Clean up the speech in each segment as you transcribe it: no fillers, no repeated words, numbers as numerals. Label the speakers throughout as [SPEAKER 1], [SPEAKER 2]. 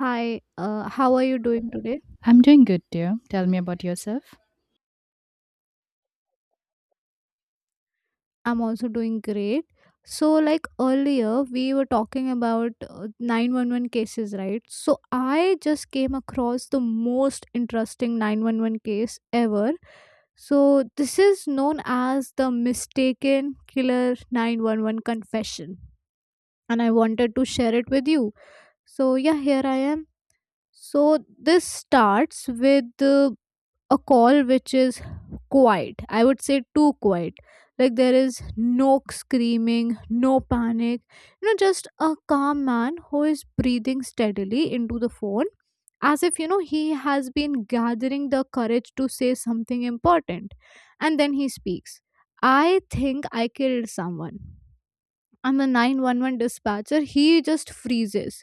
[SPEAKER 1] Hi, how are you doing today?
[SPEAKER 2] I'm doing good, dear. Tell me about yourself.
[SPEAKER 1] I'm also doing great. So, like earlier, we were talking about 911 cases, right? So, I just came across the most interesting 911 case ever. So, this is known as the mistaken killer 911 confession, and I wanted to share it with you. So, yeah, here I am. So this starts with a call which is quiet. I would say too quiet. Like there is no screaming, no panic. Just a calm man who is breathing steadily into the phone as if, he has been gathering the courage to say something important. And then he speaks. I think I killed someone. And the 911 dispatcher, he just freezes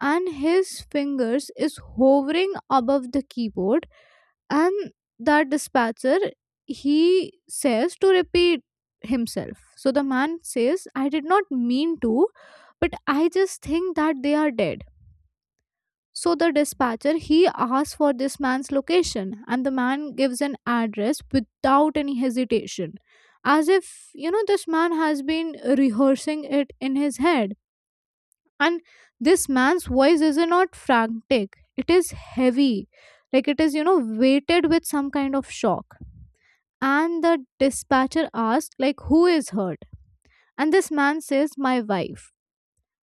[SPEAKER 1] and his fingers is hovering above the keyboard and that dispatcher, he says to repeat himself. So the man says, I did not mean to, but I just think that they are dead. So the dispatcher, he asks for this man's location, and the man gives an address without any hesitation, as if, this man has been rehearsing it in his head. And this man's voice is not frantic, it is heavy, like it is, weighted with some kind of shock. And the dispatcher asked, like, who is hurt? And this man says, my wife.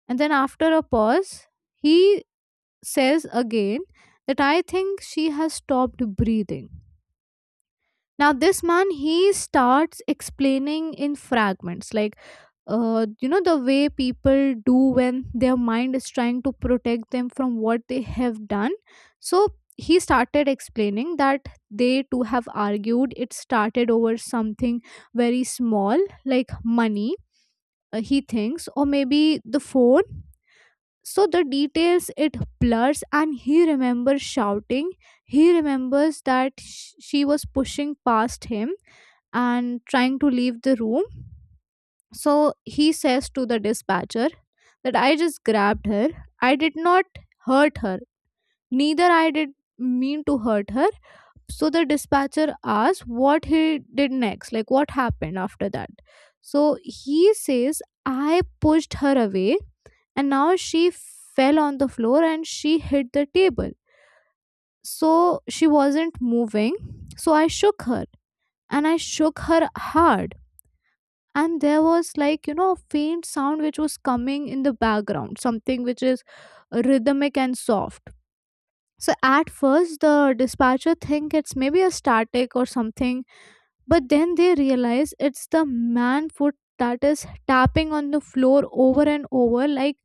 [SPEAKER 1] And then after a pause, he says again, that I think she has stopped breathing. Now this man, he starts explaining in fragments, like, the way people do when their mind is trying to protect them from what they have done. So he started explaining that they too have argued. It started over something very small, like money, he thinks, or maybe the phone. So the details, it blurs, and he remembers shouting. He remembers that she was pushing past him and trying to leave the room. So he says to the dispatcher that I just grabbed her. I did not hurt her. Neither I did mean to hurt her. So the dispatcher asks what he did next, like what happened after that. So he says, I pushed her away, and now she fell on the floor and she hit the table. So she wasn't moving. So I shook her, and I shook her hard. And there was, like, a faint sound which was coming in the background, something which is rhythmic and soft. So at first the dispatcher think it's maybe a static or something, but then they realize it's the man foot that is tapping on the floor over and over, like,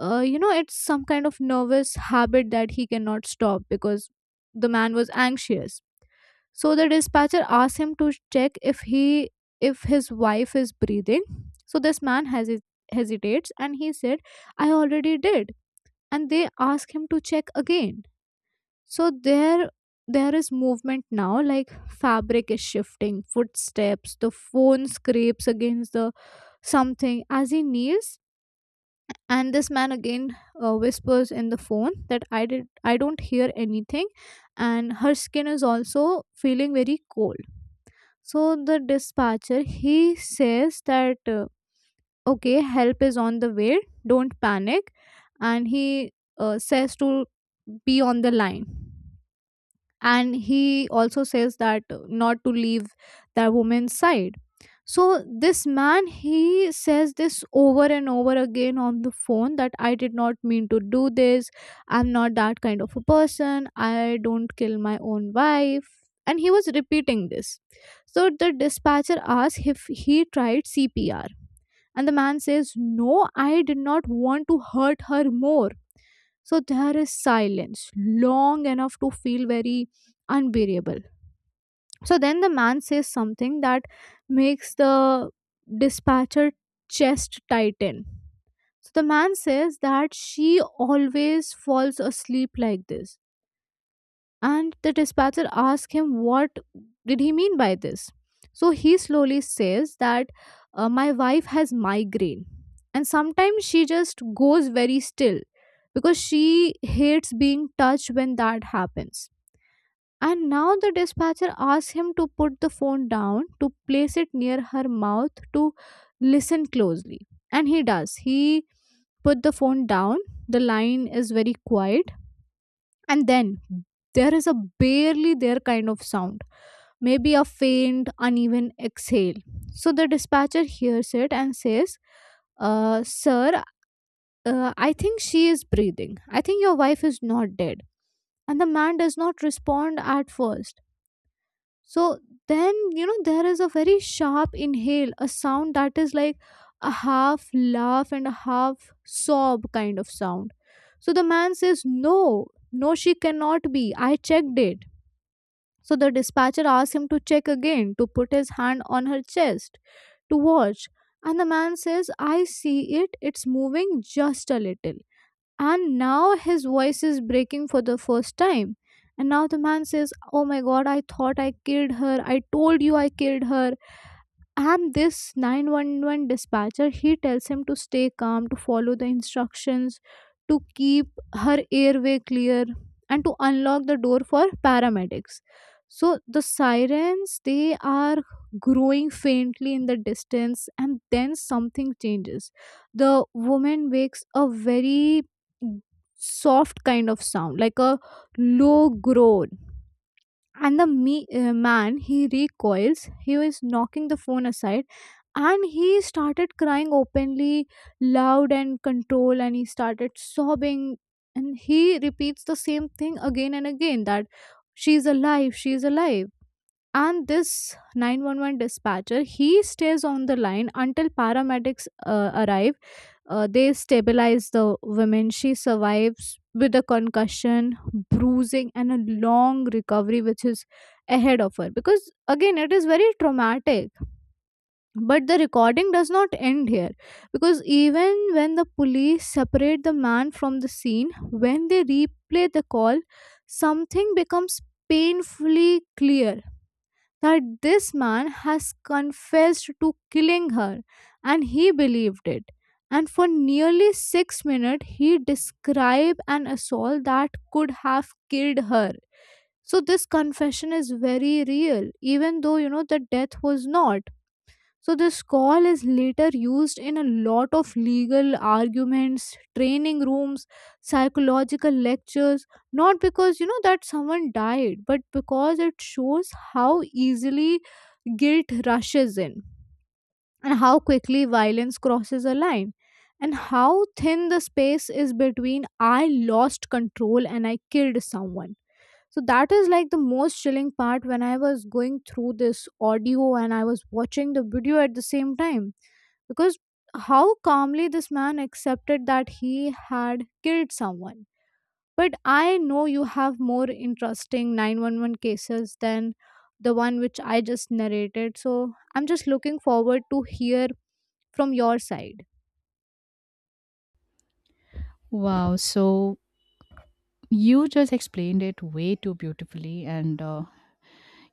[SPEAKER 1] it's some kind of nervous habit that he cannot stop, because the man was anxious. So the dispatcher asks him to check if he if his wife is breathing. So this man hesitates and he said, "I already did." And they ask him to check again. So there is movement now, like fabric is shifting, footsteps, the phone scrapes against the something as he kneels. And this man again, whispers in the phone that I don't hear anything, and her skin is also feeling very cold. So the dispatcher, he says that okay, help is on the way. Don't panic, and he, says to be on the line. And he also says that, not to leave that woman's side. So this man, he says this over and over again on the phone, that I did not mean to do this, I'm not that kind of a person, I don't kill my own wife. And he was repeating this. So the dispatcher asks if he tried CPR, and the man says, no, I did not want to hurt her more. So there is silence, long enough to feel very unbearable. So then the man says something that makes the dispatcher chest tighten. So the man says that she always falls asleep like this. And the dispatcher asks him what did he mean by this. So he slowly says that, my wife has migraine, and sometimes she just goes very still, because she hates being touched when that happens. And now the dispatcher asks him to put the phone down, to place it near her mouth, to listen closely. And he does. He put the phone down. The line is very quiet. And then there is a barely there kind of sound, maybe a faint uneven exhale. So the dispatcher hears it and says, sir, I think she is breathing, I think your wife is not dead. And the man does not respond at first. So then, there is a very sharp inhale, a sound that is like a half laugh and a half sob kind of sound. So the man says, No, no, she cannot be. I checked it. So the dispatcher asks him to check again, to put his hand on her chest, to watch. And the man says, I see it, it's moving just a little. And now his voice is breaking for the first time. And now the man says, Oh my god, I thought I killed her. I told you I killed her. And this 911 dispatcher, he tells him to stay calm, to follow the instructions, to keep her airway clear, and to unlock the door for paramedics. So the sirens, they are growing faintly in the distance, and then something changes. The woman makes a very soft kind of sound, like a low groan. And the man, he recoils. He is knocking the phone aside, and he started crying openly, loud and controlled, and he started sobbing. And he repeats the same thing again and again, that she's alive, she's alive. And this 911 dispatcher, he stays on the line until paramedics arrive. They stabilize the woman. She survives with a concussion, bruising, and a long recovery which is ahead of her, because again it is very traumatic. But the recording does not end here, because even when the police separate the man from the scene, when they replay the call, something becomes painfully clear, that this man has confessed to killing her, and he believed it. And for nearly 6 minutes, he described an assault that could have killed her. So, this confession is very real, even though the death was not. So this call is later used in a lot of legal arguments, training rooms, psychological lectures, not because that someone died, but because it shows how easily guilt rushes in, and how quickly violence crosses a line, and how thin the space is between I lost control and I killed someone. So that is like the most chilling part, when I was going through this audio and I was watching the video at the same time. Because how calmly this man accepted that he had killed someone. But I know you have more interesting 911 cases than the one which I just narrated. So I'm just looking forward to hear from your side.
[SPEAKER 2] Wow, so you just explained it way too beautifully and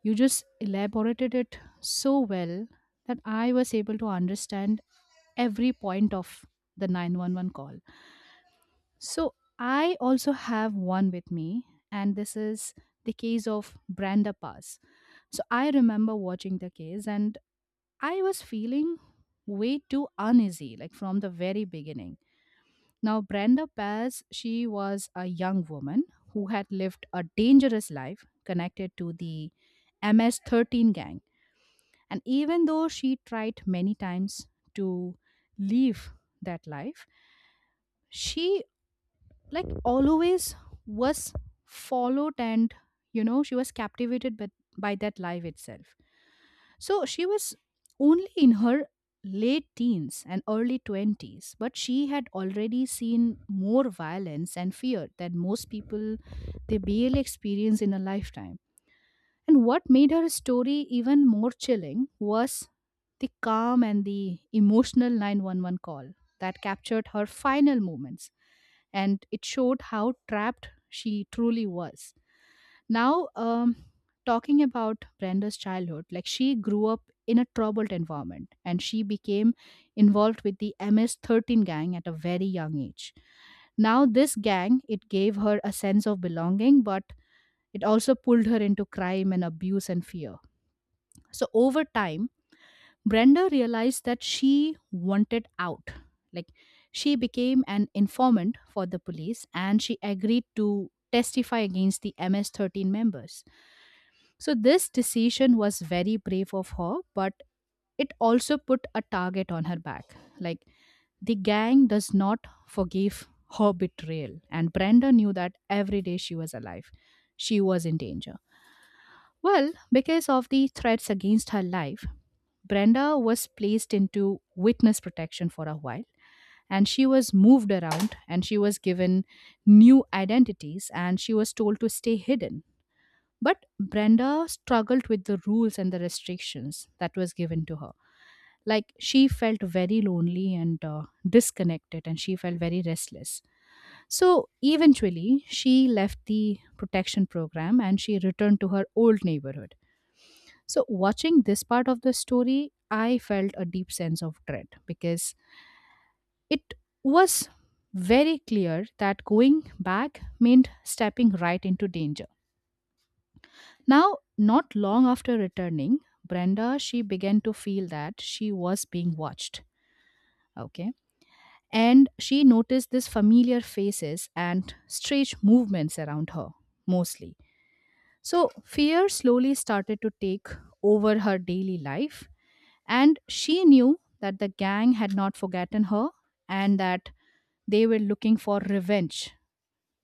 [SPEAKER 2] you just elaborated it so well that I was able to understand every point of the 911 call. So I also have one with me, and this is the case of Branda Pass. So I remember watching the case and I was feeling way too uneasy, like from the very beginning. Now, Brenda Paz, she was a young woman who had lived a dangerous life connected to the MS-13 gang. And even though she tried many times to leave that life, she like always was followed, and you know she was captivated by that life itself. So she was only in her late teens and early 20s, but she had already seen more violence and fear than most people they barely experience in a lifetime. And what made her story even more chilling was the calm and the emotional 911 call that captured her final moments, and it showed how trapped she truly was. Now, talking about Brenda's childhood, like she grew up in a troubled environment and she became involved with the MS-13 gang at a very young age. Now, this gang, it gave her a sense of belonging, but it also pulled her into crime and abuse and fear. So, over time, Brenda realized that she wanted out. Like, she became an informant for the police and she agreed to testify against the MS 13 members. So this decision was very brave of her, but it also put a target on her back. Like the gang does not forgive her betrayal, and Brenda knew that every day she was alive, she was in danger. Well, because of the threats against her life, Brenda was placed into witness protection for a while, and she was moved around and she was given new identities and she was told to stay hidden, but Brenda struggled with the rules and the restrictions that was given to her. Like she felt very lonely and disconnected, and she felt very restless. So eventually, she left the protection program and she returned to her old neighborhood. So, watching this part of the story, I felt a deep sense of dread because it was very clear that going back meant stepping right into danger. Now, not long after returning, Brenda she began to feel that she was being watched. Okay. And she noticed these familiar faces and strange movements around her, mostly. So fear slowly started to take over her daily life, and she knew that the gang had not forgotten her and that they were looking for revenge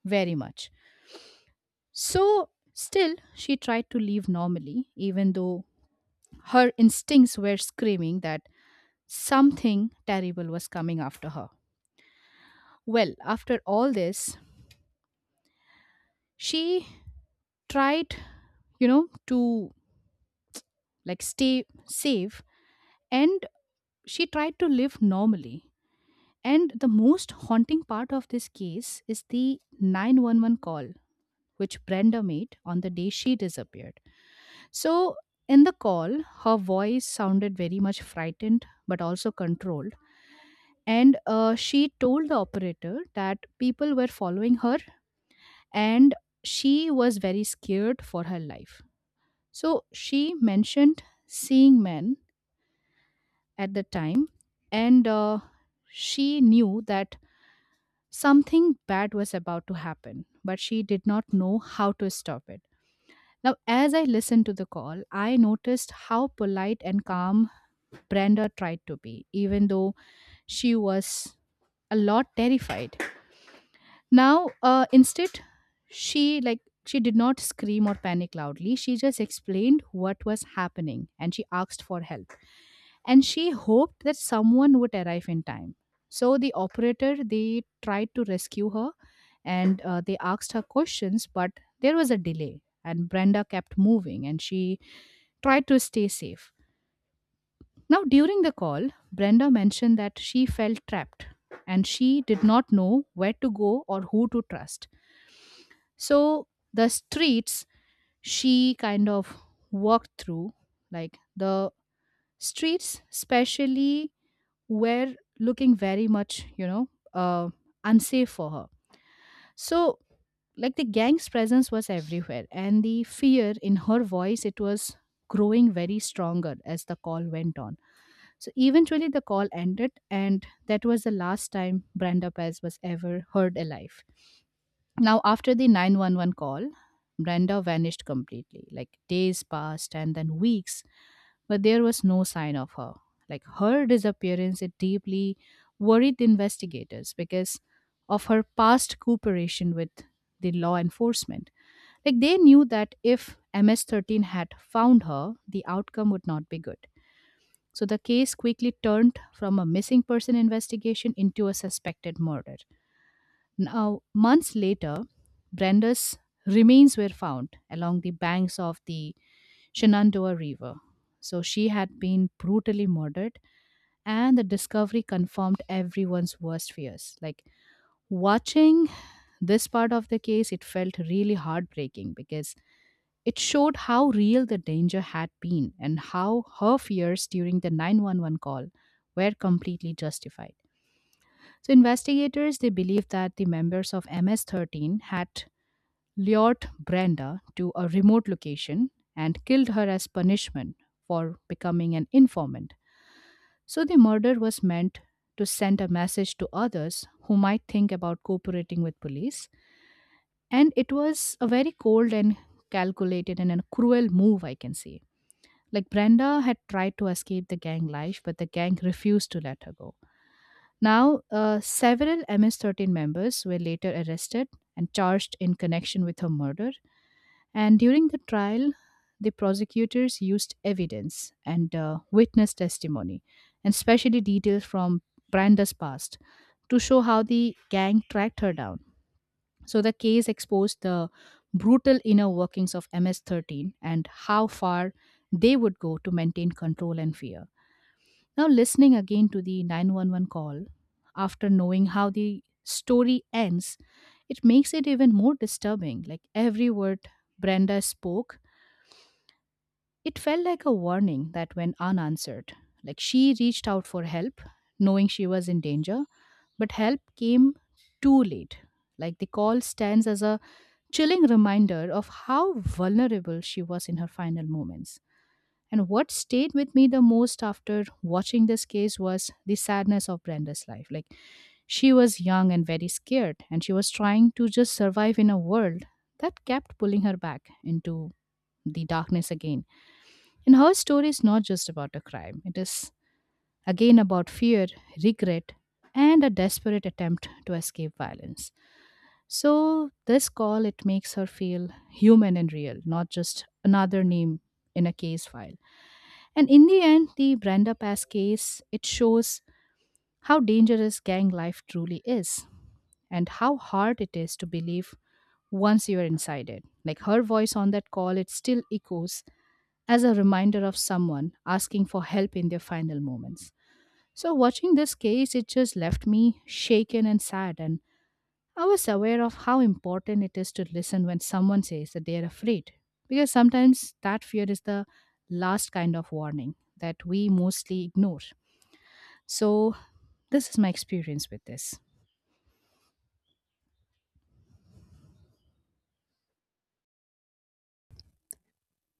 [SPEAKER 2] very much. So still she tried to live normally, even though her instincts were screaming that something terrible was coming after her. Well, after all this, she tried, you know, to like stay safe and she tried to live normally. And the most haunting part of this case is the 911 call which Brenda made on the day she disappeared. So, in the call, her voice sounded very much frightened but also controlled. And she told the operator that people were following her and she was very scared for her life. So she mentioned seeing men at the time, and she knew that something bad was about to happen, but she did not know how to stop it. Now as I listened to the call, I noticed how polite and calm Brenda tried to be, even though she was a lot terrified. Now, instead, she like she did not scream or panic loudly. She just explained what was happening and she asked for help. And she hoped that someone would arrive in time. So the operator they tried to rescue her, and they asked her questions, but there was a delay and Brenda kept moving and she tried to stay safe. Now, during the call, Brenda mentioned that she felt trapped and she did not know where to go or who to trust. So the streets she kind of walked through, like the streets, especially, were looking very much, you know, unsafe for her. So, like the gang's presence was everywhere, and the fear in her voice, it was growing very stronger as the call went on. So eventually the call ended, and that was the last time Brenda Paz was ever heard alive. Now, after the 911 call, Brenda vanished completely. Like days passed and then weeks, but there was no sign of her. Like her disappearance, it deeply worried the investigators because of her past cooperation with the law enforcement. Like they knew that if MS-13 had found her, the outcome would not be good. So the case quickly turned from a missing person investigation into a suspected murder. Now, months later, Brenda's remains were found along the banks of the Shenandoah River. So she had been brutally murdered, and the discovery confirmed everyone's worst fears. Like watching this part of the case, it felt really heartbreaking because it showed how real the danger had been and how her fears during the 911 call were completely justified. So investigators they believe that the members of MS-13 had lured Brenda to a remote location and killed her as punishment for becoming an informant. So the murder was meant to send a message to others who might think about cooperating with police, and it was a very cold and calculated and a cruel move I can say. Like Brenda had tried to escape the gang life, but the gang refused to let her go. Now, several MS-13 members were later arrested and charged in connection with her murder. And during the trial, the prosecutors used evidence and witness testimony, and especially details from Branda's past, to show how the gang tracked her down. So the case exposed the brutal inner workings of MS-13 and how far they would go to maintain control and fear. Now, listening again to the 911 call, after knowing how the story ends, it makes it even more disturbing. Like every word Brenda spoke, it felt like a warning that went unanswered. Like she reached out for help, knowing she was in danger, but help came too late. Like the call stands as a chilling reminder of how vulnerable she was in her final moments. And what stayed with me the most after watching this case was the sadness of Brenda's life. Like, she was young and very scared, and she was trying to just survive in a world that kept pulling her back into the darkness again. And her story is not just about a crime, it is again about fear, regret, and a desperate attempt to escape violence. So, this call it makes her feel human and real, not just another name in a case file. And in the end, the Brenda Pass case, it shows how dangerous gang life truly is and how hard it is to believe once you are inside it. Like her voice on that call, it still echoes as a reminder of someone asking for help in their final moments. So, watching this case, it just left me shaken and sad. And I was aware of how important it is to listen when someone says that they are afraid. Because sometimes that fear is the last kind of warning that we mostly ignore. So, this is my experience with this.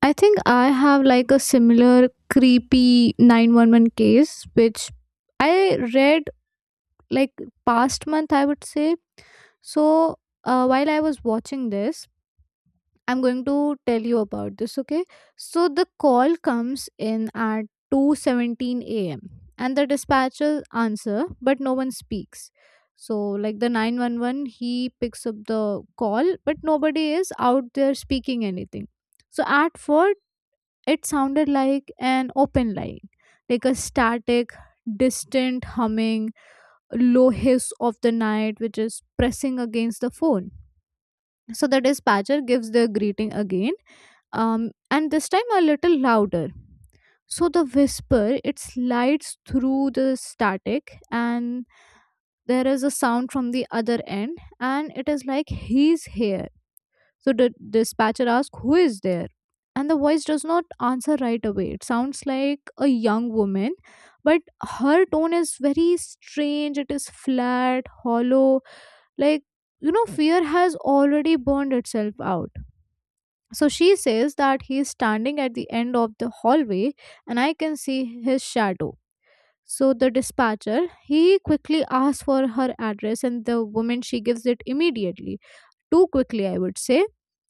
[SPEAKER 1] I think I have like a similar creepy 911 case which I read like past month, I would say. So while I was watching this, I'm going to tell you about this, okay? So the call comes in at 2:17 a.m. and the dispatcher answer, but no one speaks. So like the 911, he picks up the call but nobody is out there speaking anything. So at first it sounded like an open line, like a static, distant humming, low hiss of the night which is pressing against the phone. So the dispatcher gives the greeting again, and this time a little louder. So the whisper, it slides through the static, and there is a sound from the other end, and it is like he's here. So the dispatcher asks, Who is there? And the voice does not answer right away. It sounds like a young woman, but her tone is very strange. It is flat, hollow, like, fear has already burned itself out. So she says that he is standing at the end of the hallway and I can see his shadow. So the dispatcher, he quickly asks for her address, and the woman, she gives it immediately, too quickly, I would say,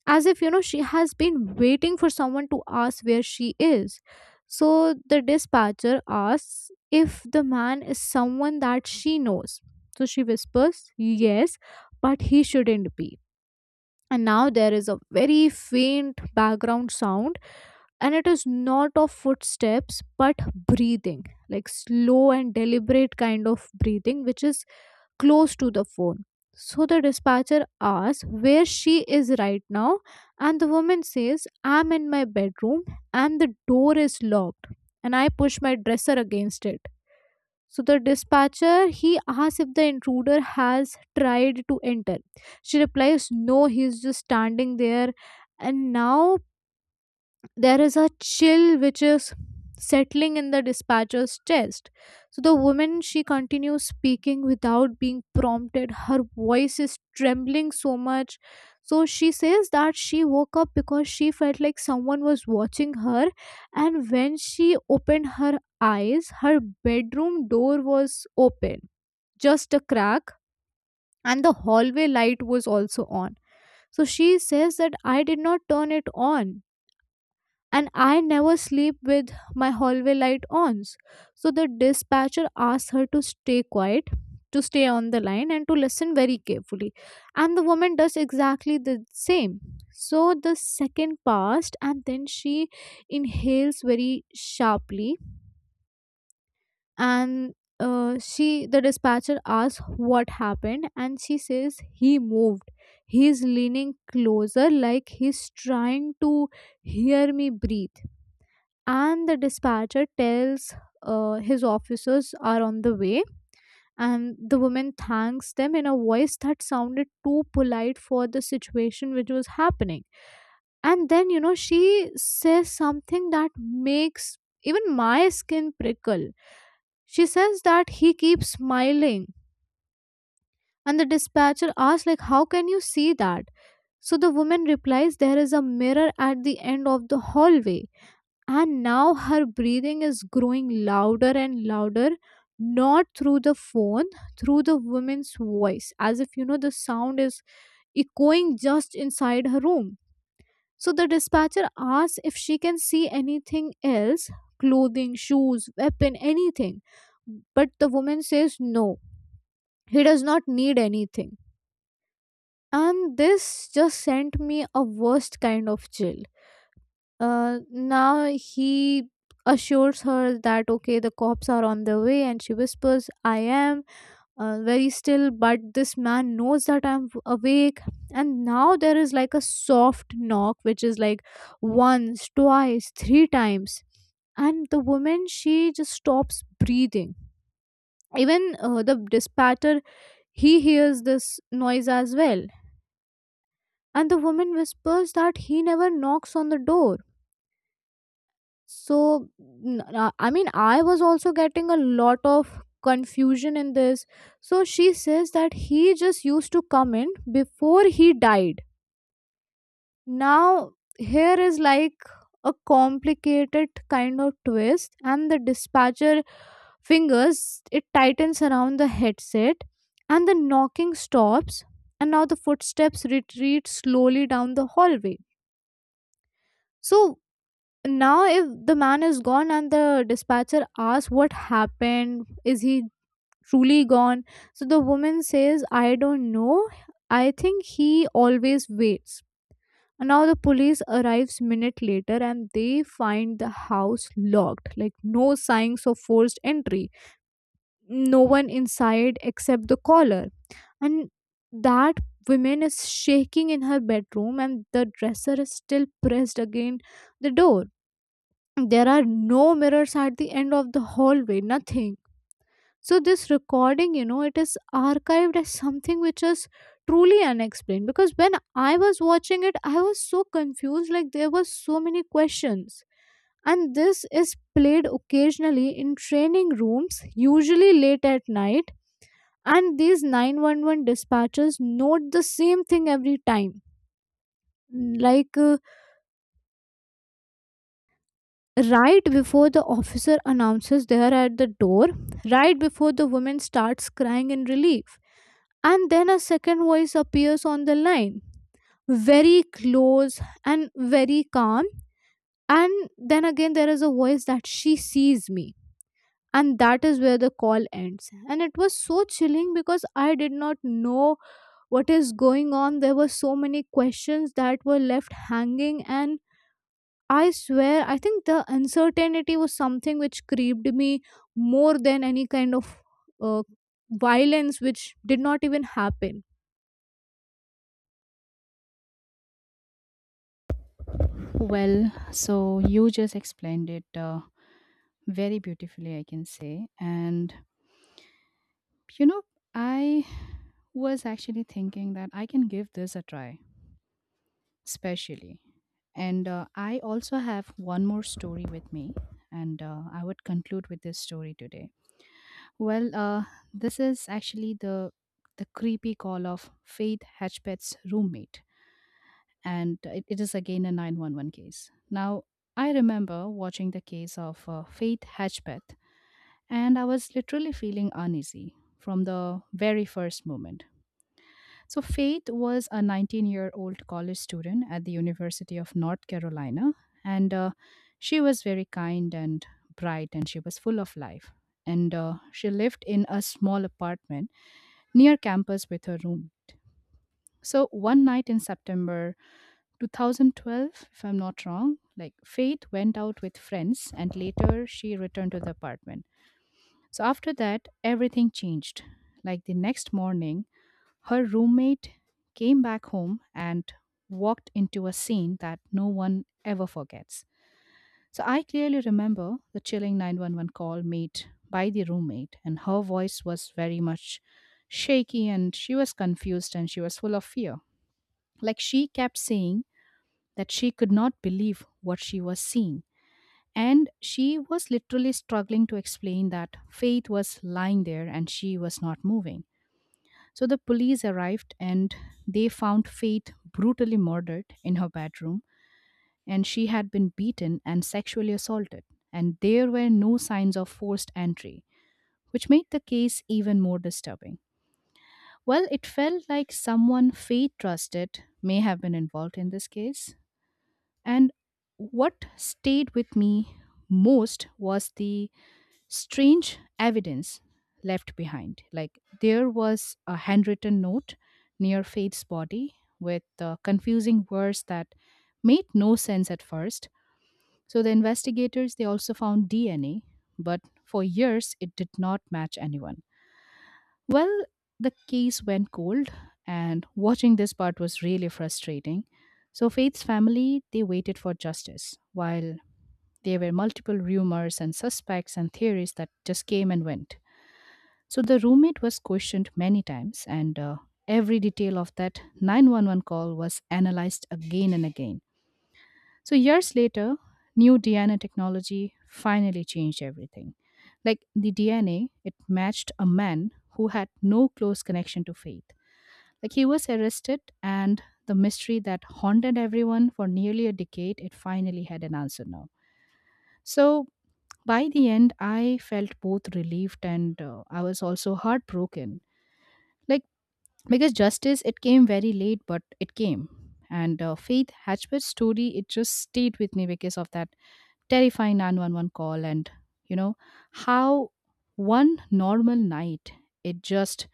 [SPEAKER 1] as if, she has been waiting for someone to ask where she is. So the dispatcher asks if the man is someone that she knows. So she whispers, yes, but he shouldn't be. And now there is a very faint background sound, and it is not of footsteps but breathing, like slow and deliberate kind of breathing, which is close to the phone. So the dispatcher asks where she is right now, and the woman says, I'm in my bedroom and the door is locked. And I push my dresser against it. So the dispatcher, he asks if the intruder has tried to enter. She replies, No, he's just standing there. And now there is a chill which is settling in the dispatcher's chest. So the woman she continues speaking without being prompted. Her voice is trembling so much. So she says that she woke up because she felt like someone was watching her, and when she opened her eyes, her bedroom door was open, just a crack, and the hallway light was also on. So she says that I did not turn it on and I never sleep with my hallway light on. So the dispatcher asked her to stay quiet, to stay on the line, and to listen very carefully. And the woman does exactly the same. So the second passed, and then she inhales very sharply, and she the dispatcher asks what happened, and she says he moved. He's leaning closer, like he's trying to hear me breathe, and the dispatcher tells his officers are on the way, and the woman thanks them in a voice that sounded too polite for the situation which was happening. And then she says something that makes even my skin prickle. She says that he keeps smiling, and the dispatcher asks, like, how can you see that? So the woman replies, there is a mirror at the end of the hallway. And now her breathing is growing louder and louder, not through the phone, through the woman's voice, as if the sound is echoing just inside her room. So the dispatcher asks if she can see anything else, clothing, shoes, weapon, anything. But the woman says no, he does not need anything. And this just sent me a worst kind of chill. Now he assures her that okay the cops are on their way, and she whispers, I am very still, but this man knows that I'm awake. And now there is like a soft knock which is like once, twice, three times, and the woman she just stops breathing. Even the dispatcher, he hears this noise as well, and the woman whispers that he never knocks on the door. So, I mean, I was also getting a lot of confusion in this. So, she says that he just used to come in before he died. Now, here is like a complicated kind of twist, and the dispatcher, fingers it tightens around the headset, and the knocking stops, and now the footsteps retreat slowly down the hallway. So, now if the man is gone, and the dispatcher asks what happened, is he truly gone? So the woman says, I don't know, I think he always waits. Now the police arrives minute later and they find the house locked, like no signs of forced entry, no one inside except the caller. And that woman is shaking in her bedroom and the dresser is still pressed against the door. There are no mirrors at the end of the hallway, nothing. So this recording, it is archived as something which is truly unexplained, because when I was watching it, I was so confused, like there were so many questions. And this is played occasionally in training rooms, usually late at night, and these 911 dispatchers note the same thing every time, like, right before the officer announces they are at the door, right before the woman starts crying in relief. And then a second voice appears on the line, very close and very calm. And then again, there is a voice that she sees me. And that is where the call ends. And it was so chilling because I did not know what is going on. There were so many questions that were left hanging, and I swear, I think the uncertainty was something which creeped me more than any kind of uh, violence which did not even happen.
[SPEAKER 2] Well, so you just explained it very beautifully, I can say. And, you know, I was actually thinking that I can give this a try, especially. And I also have one more story with me, and I would conclude with this story today. Well, this is actually the creepy call of Faith Hatchbet's roommate, and it is again a 911 case. Now, I remember watching the case of Faith Hatchbeth, and I was literally feeling uneasy from the very first moment. So, Faith was a 19-year-old year old college student at the University of North Carolina, and she was very kind and bright, and she was full of life. And she lived in a small apartment near campus with her room. So, one night in September, 2012, if I'm not wrong, like Faith went out with friends and later she returned to the apartment. So after that, everything changed. Like the next morning, her roommate came back home and walked into a scene that no one ever forgets. So I clearly remember the chilling 911 call made by the roommate, and her voice was very much shaky and she was confused and she was full of fear. Like she kept saying that she could not believe what she was seeing. And she was literally struggling to explain that Faith was lying there and she was not moving. So the police arrived and they found Faith brutally murdered in her bedroom, and she had been beaten and sexually assaulted. And there were no signs of forced entry, which made the case even more disturbing. Well, it felt like someone Faith trusted may have been involved in this case. And what stayed with me most was the strange evidence left behind. Like, there was a handwritten note near Faith's body with confusing words that made no sense at first. So the investigators, they also found DNA, but for years it did not match anyone. Well, the case went cold, and watching this part was really frustrating. So, Faith's family, they waited for justice, while there were multiple rumors and suspects and theories that just came and went. So, the roommate was questioned many times, and every detail of that 911 call was analyzed again and again. So, years later, new DNA technology finally changed everything. Like, the DNA, it matched a man who had no close connection to faith. Like, he was arrested, and the mystery that haunted everyone for nearly a decade, it finally had an answer now. So, by the end, I felt both relieved and I was also heartbroken. Like, because justice, it came very late, but it came. And Faith Hatchbett's story, it just stayed with me because of that terrifying 911 call and you know how one normal night it just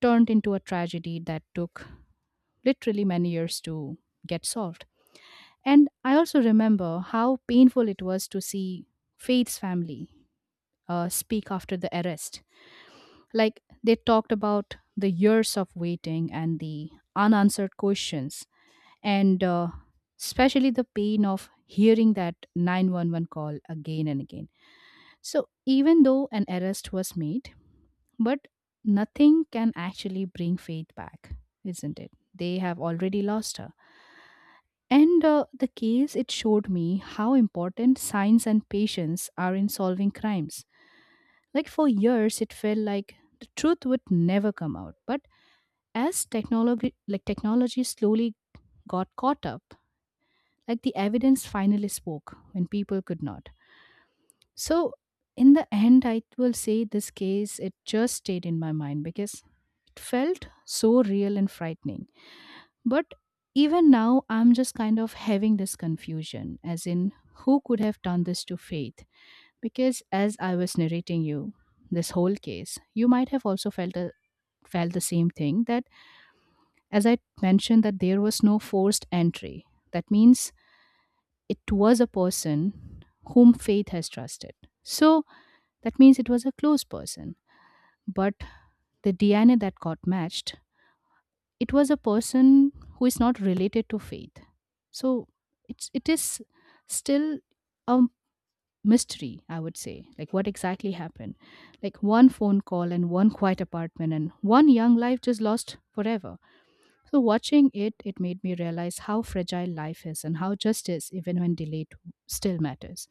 [SPEAKER 2] turned into a tragedy that took literally many years to get solved. And I also remember how painful it was to see faith's family speak after the arrest. Like, they talked about the years of waiting and the unanswered questions, and especially the pain of hearing that 911 call again and again. So, even though an arrest was made, but nothing can actually bring Faith back, isn't it? They have already lost her. And The case, it showed me how important science and patience are in solving crimes. Like, for years, it felt like the truth would never come out. But as technology, like technology slowly got caught up, like the evidence finally spoke when people could not. So, in the end, I will say this case, it just stayed in my mind because it felt so real and frightening. But even now, I'm just kind of having this confusion as in, who could have done this to Faith? Because as I was narrating you this whole case, you might have also felt a felt the same thing that, as I mentioned, that there was no forced entry. That means it was a person whom faith has trusted. So that means it was a close person. But the DNA that got matched, it was a person who is not related to faith. So it is still a mystery, I would say. Like, what exactly happened? Like, one phone call and one quiet apartment and one young life just lost forever. So watching it, it made me realize how fragile life is and how justice, even when delayed, still matters.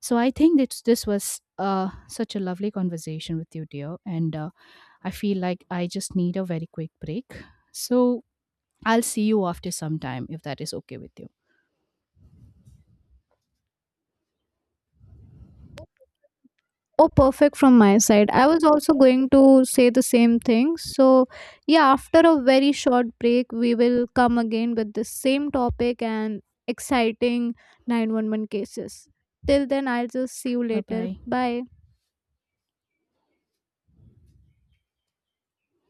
[SPEAKER 2] So I think that this was such a lovely conversation with you, dear. And I feel like I just need a very quick break. So I'll see you after some time if that is okay with you.
[SPEAKER 1] Oh, perfect from my side. I was also going to say the same thing. So, yeah, after a very short break, we will come again with the same topic and exciting 911 cases. Till then, I'll just see you
[SPEAKER 2] Bye
[SPEAKER 1] later.
[SPEAKER 2] bye.
[SPEAKER 1] Bye.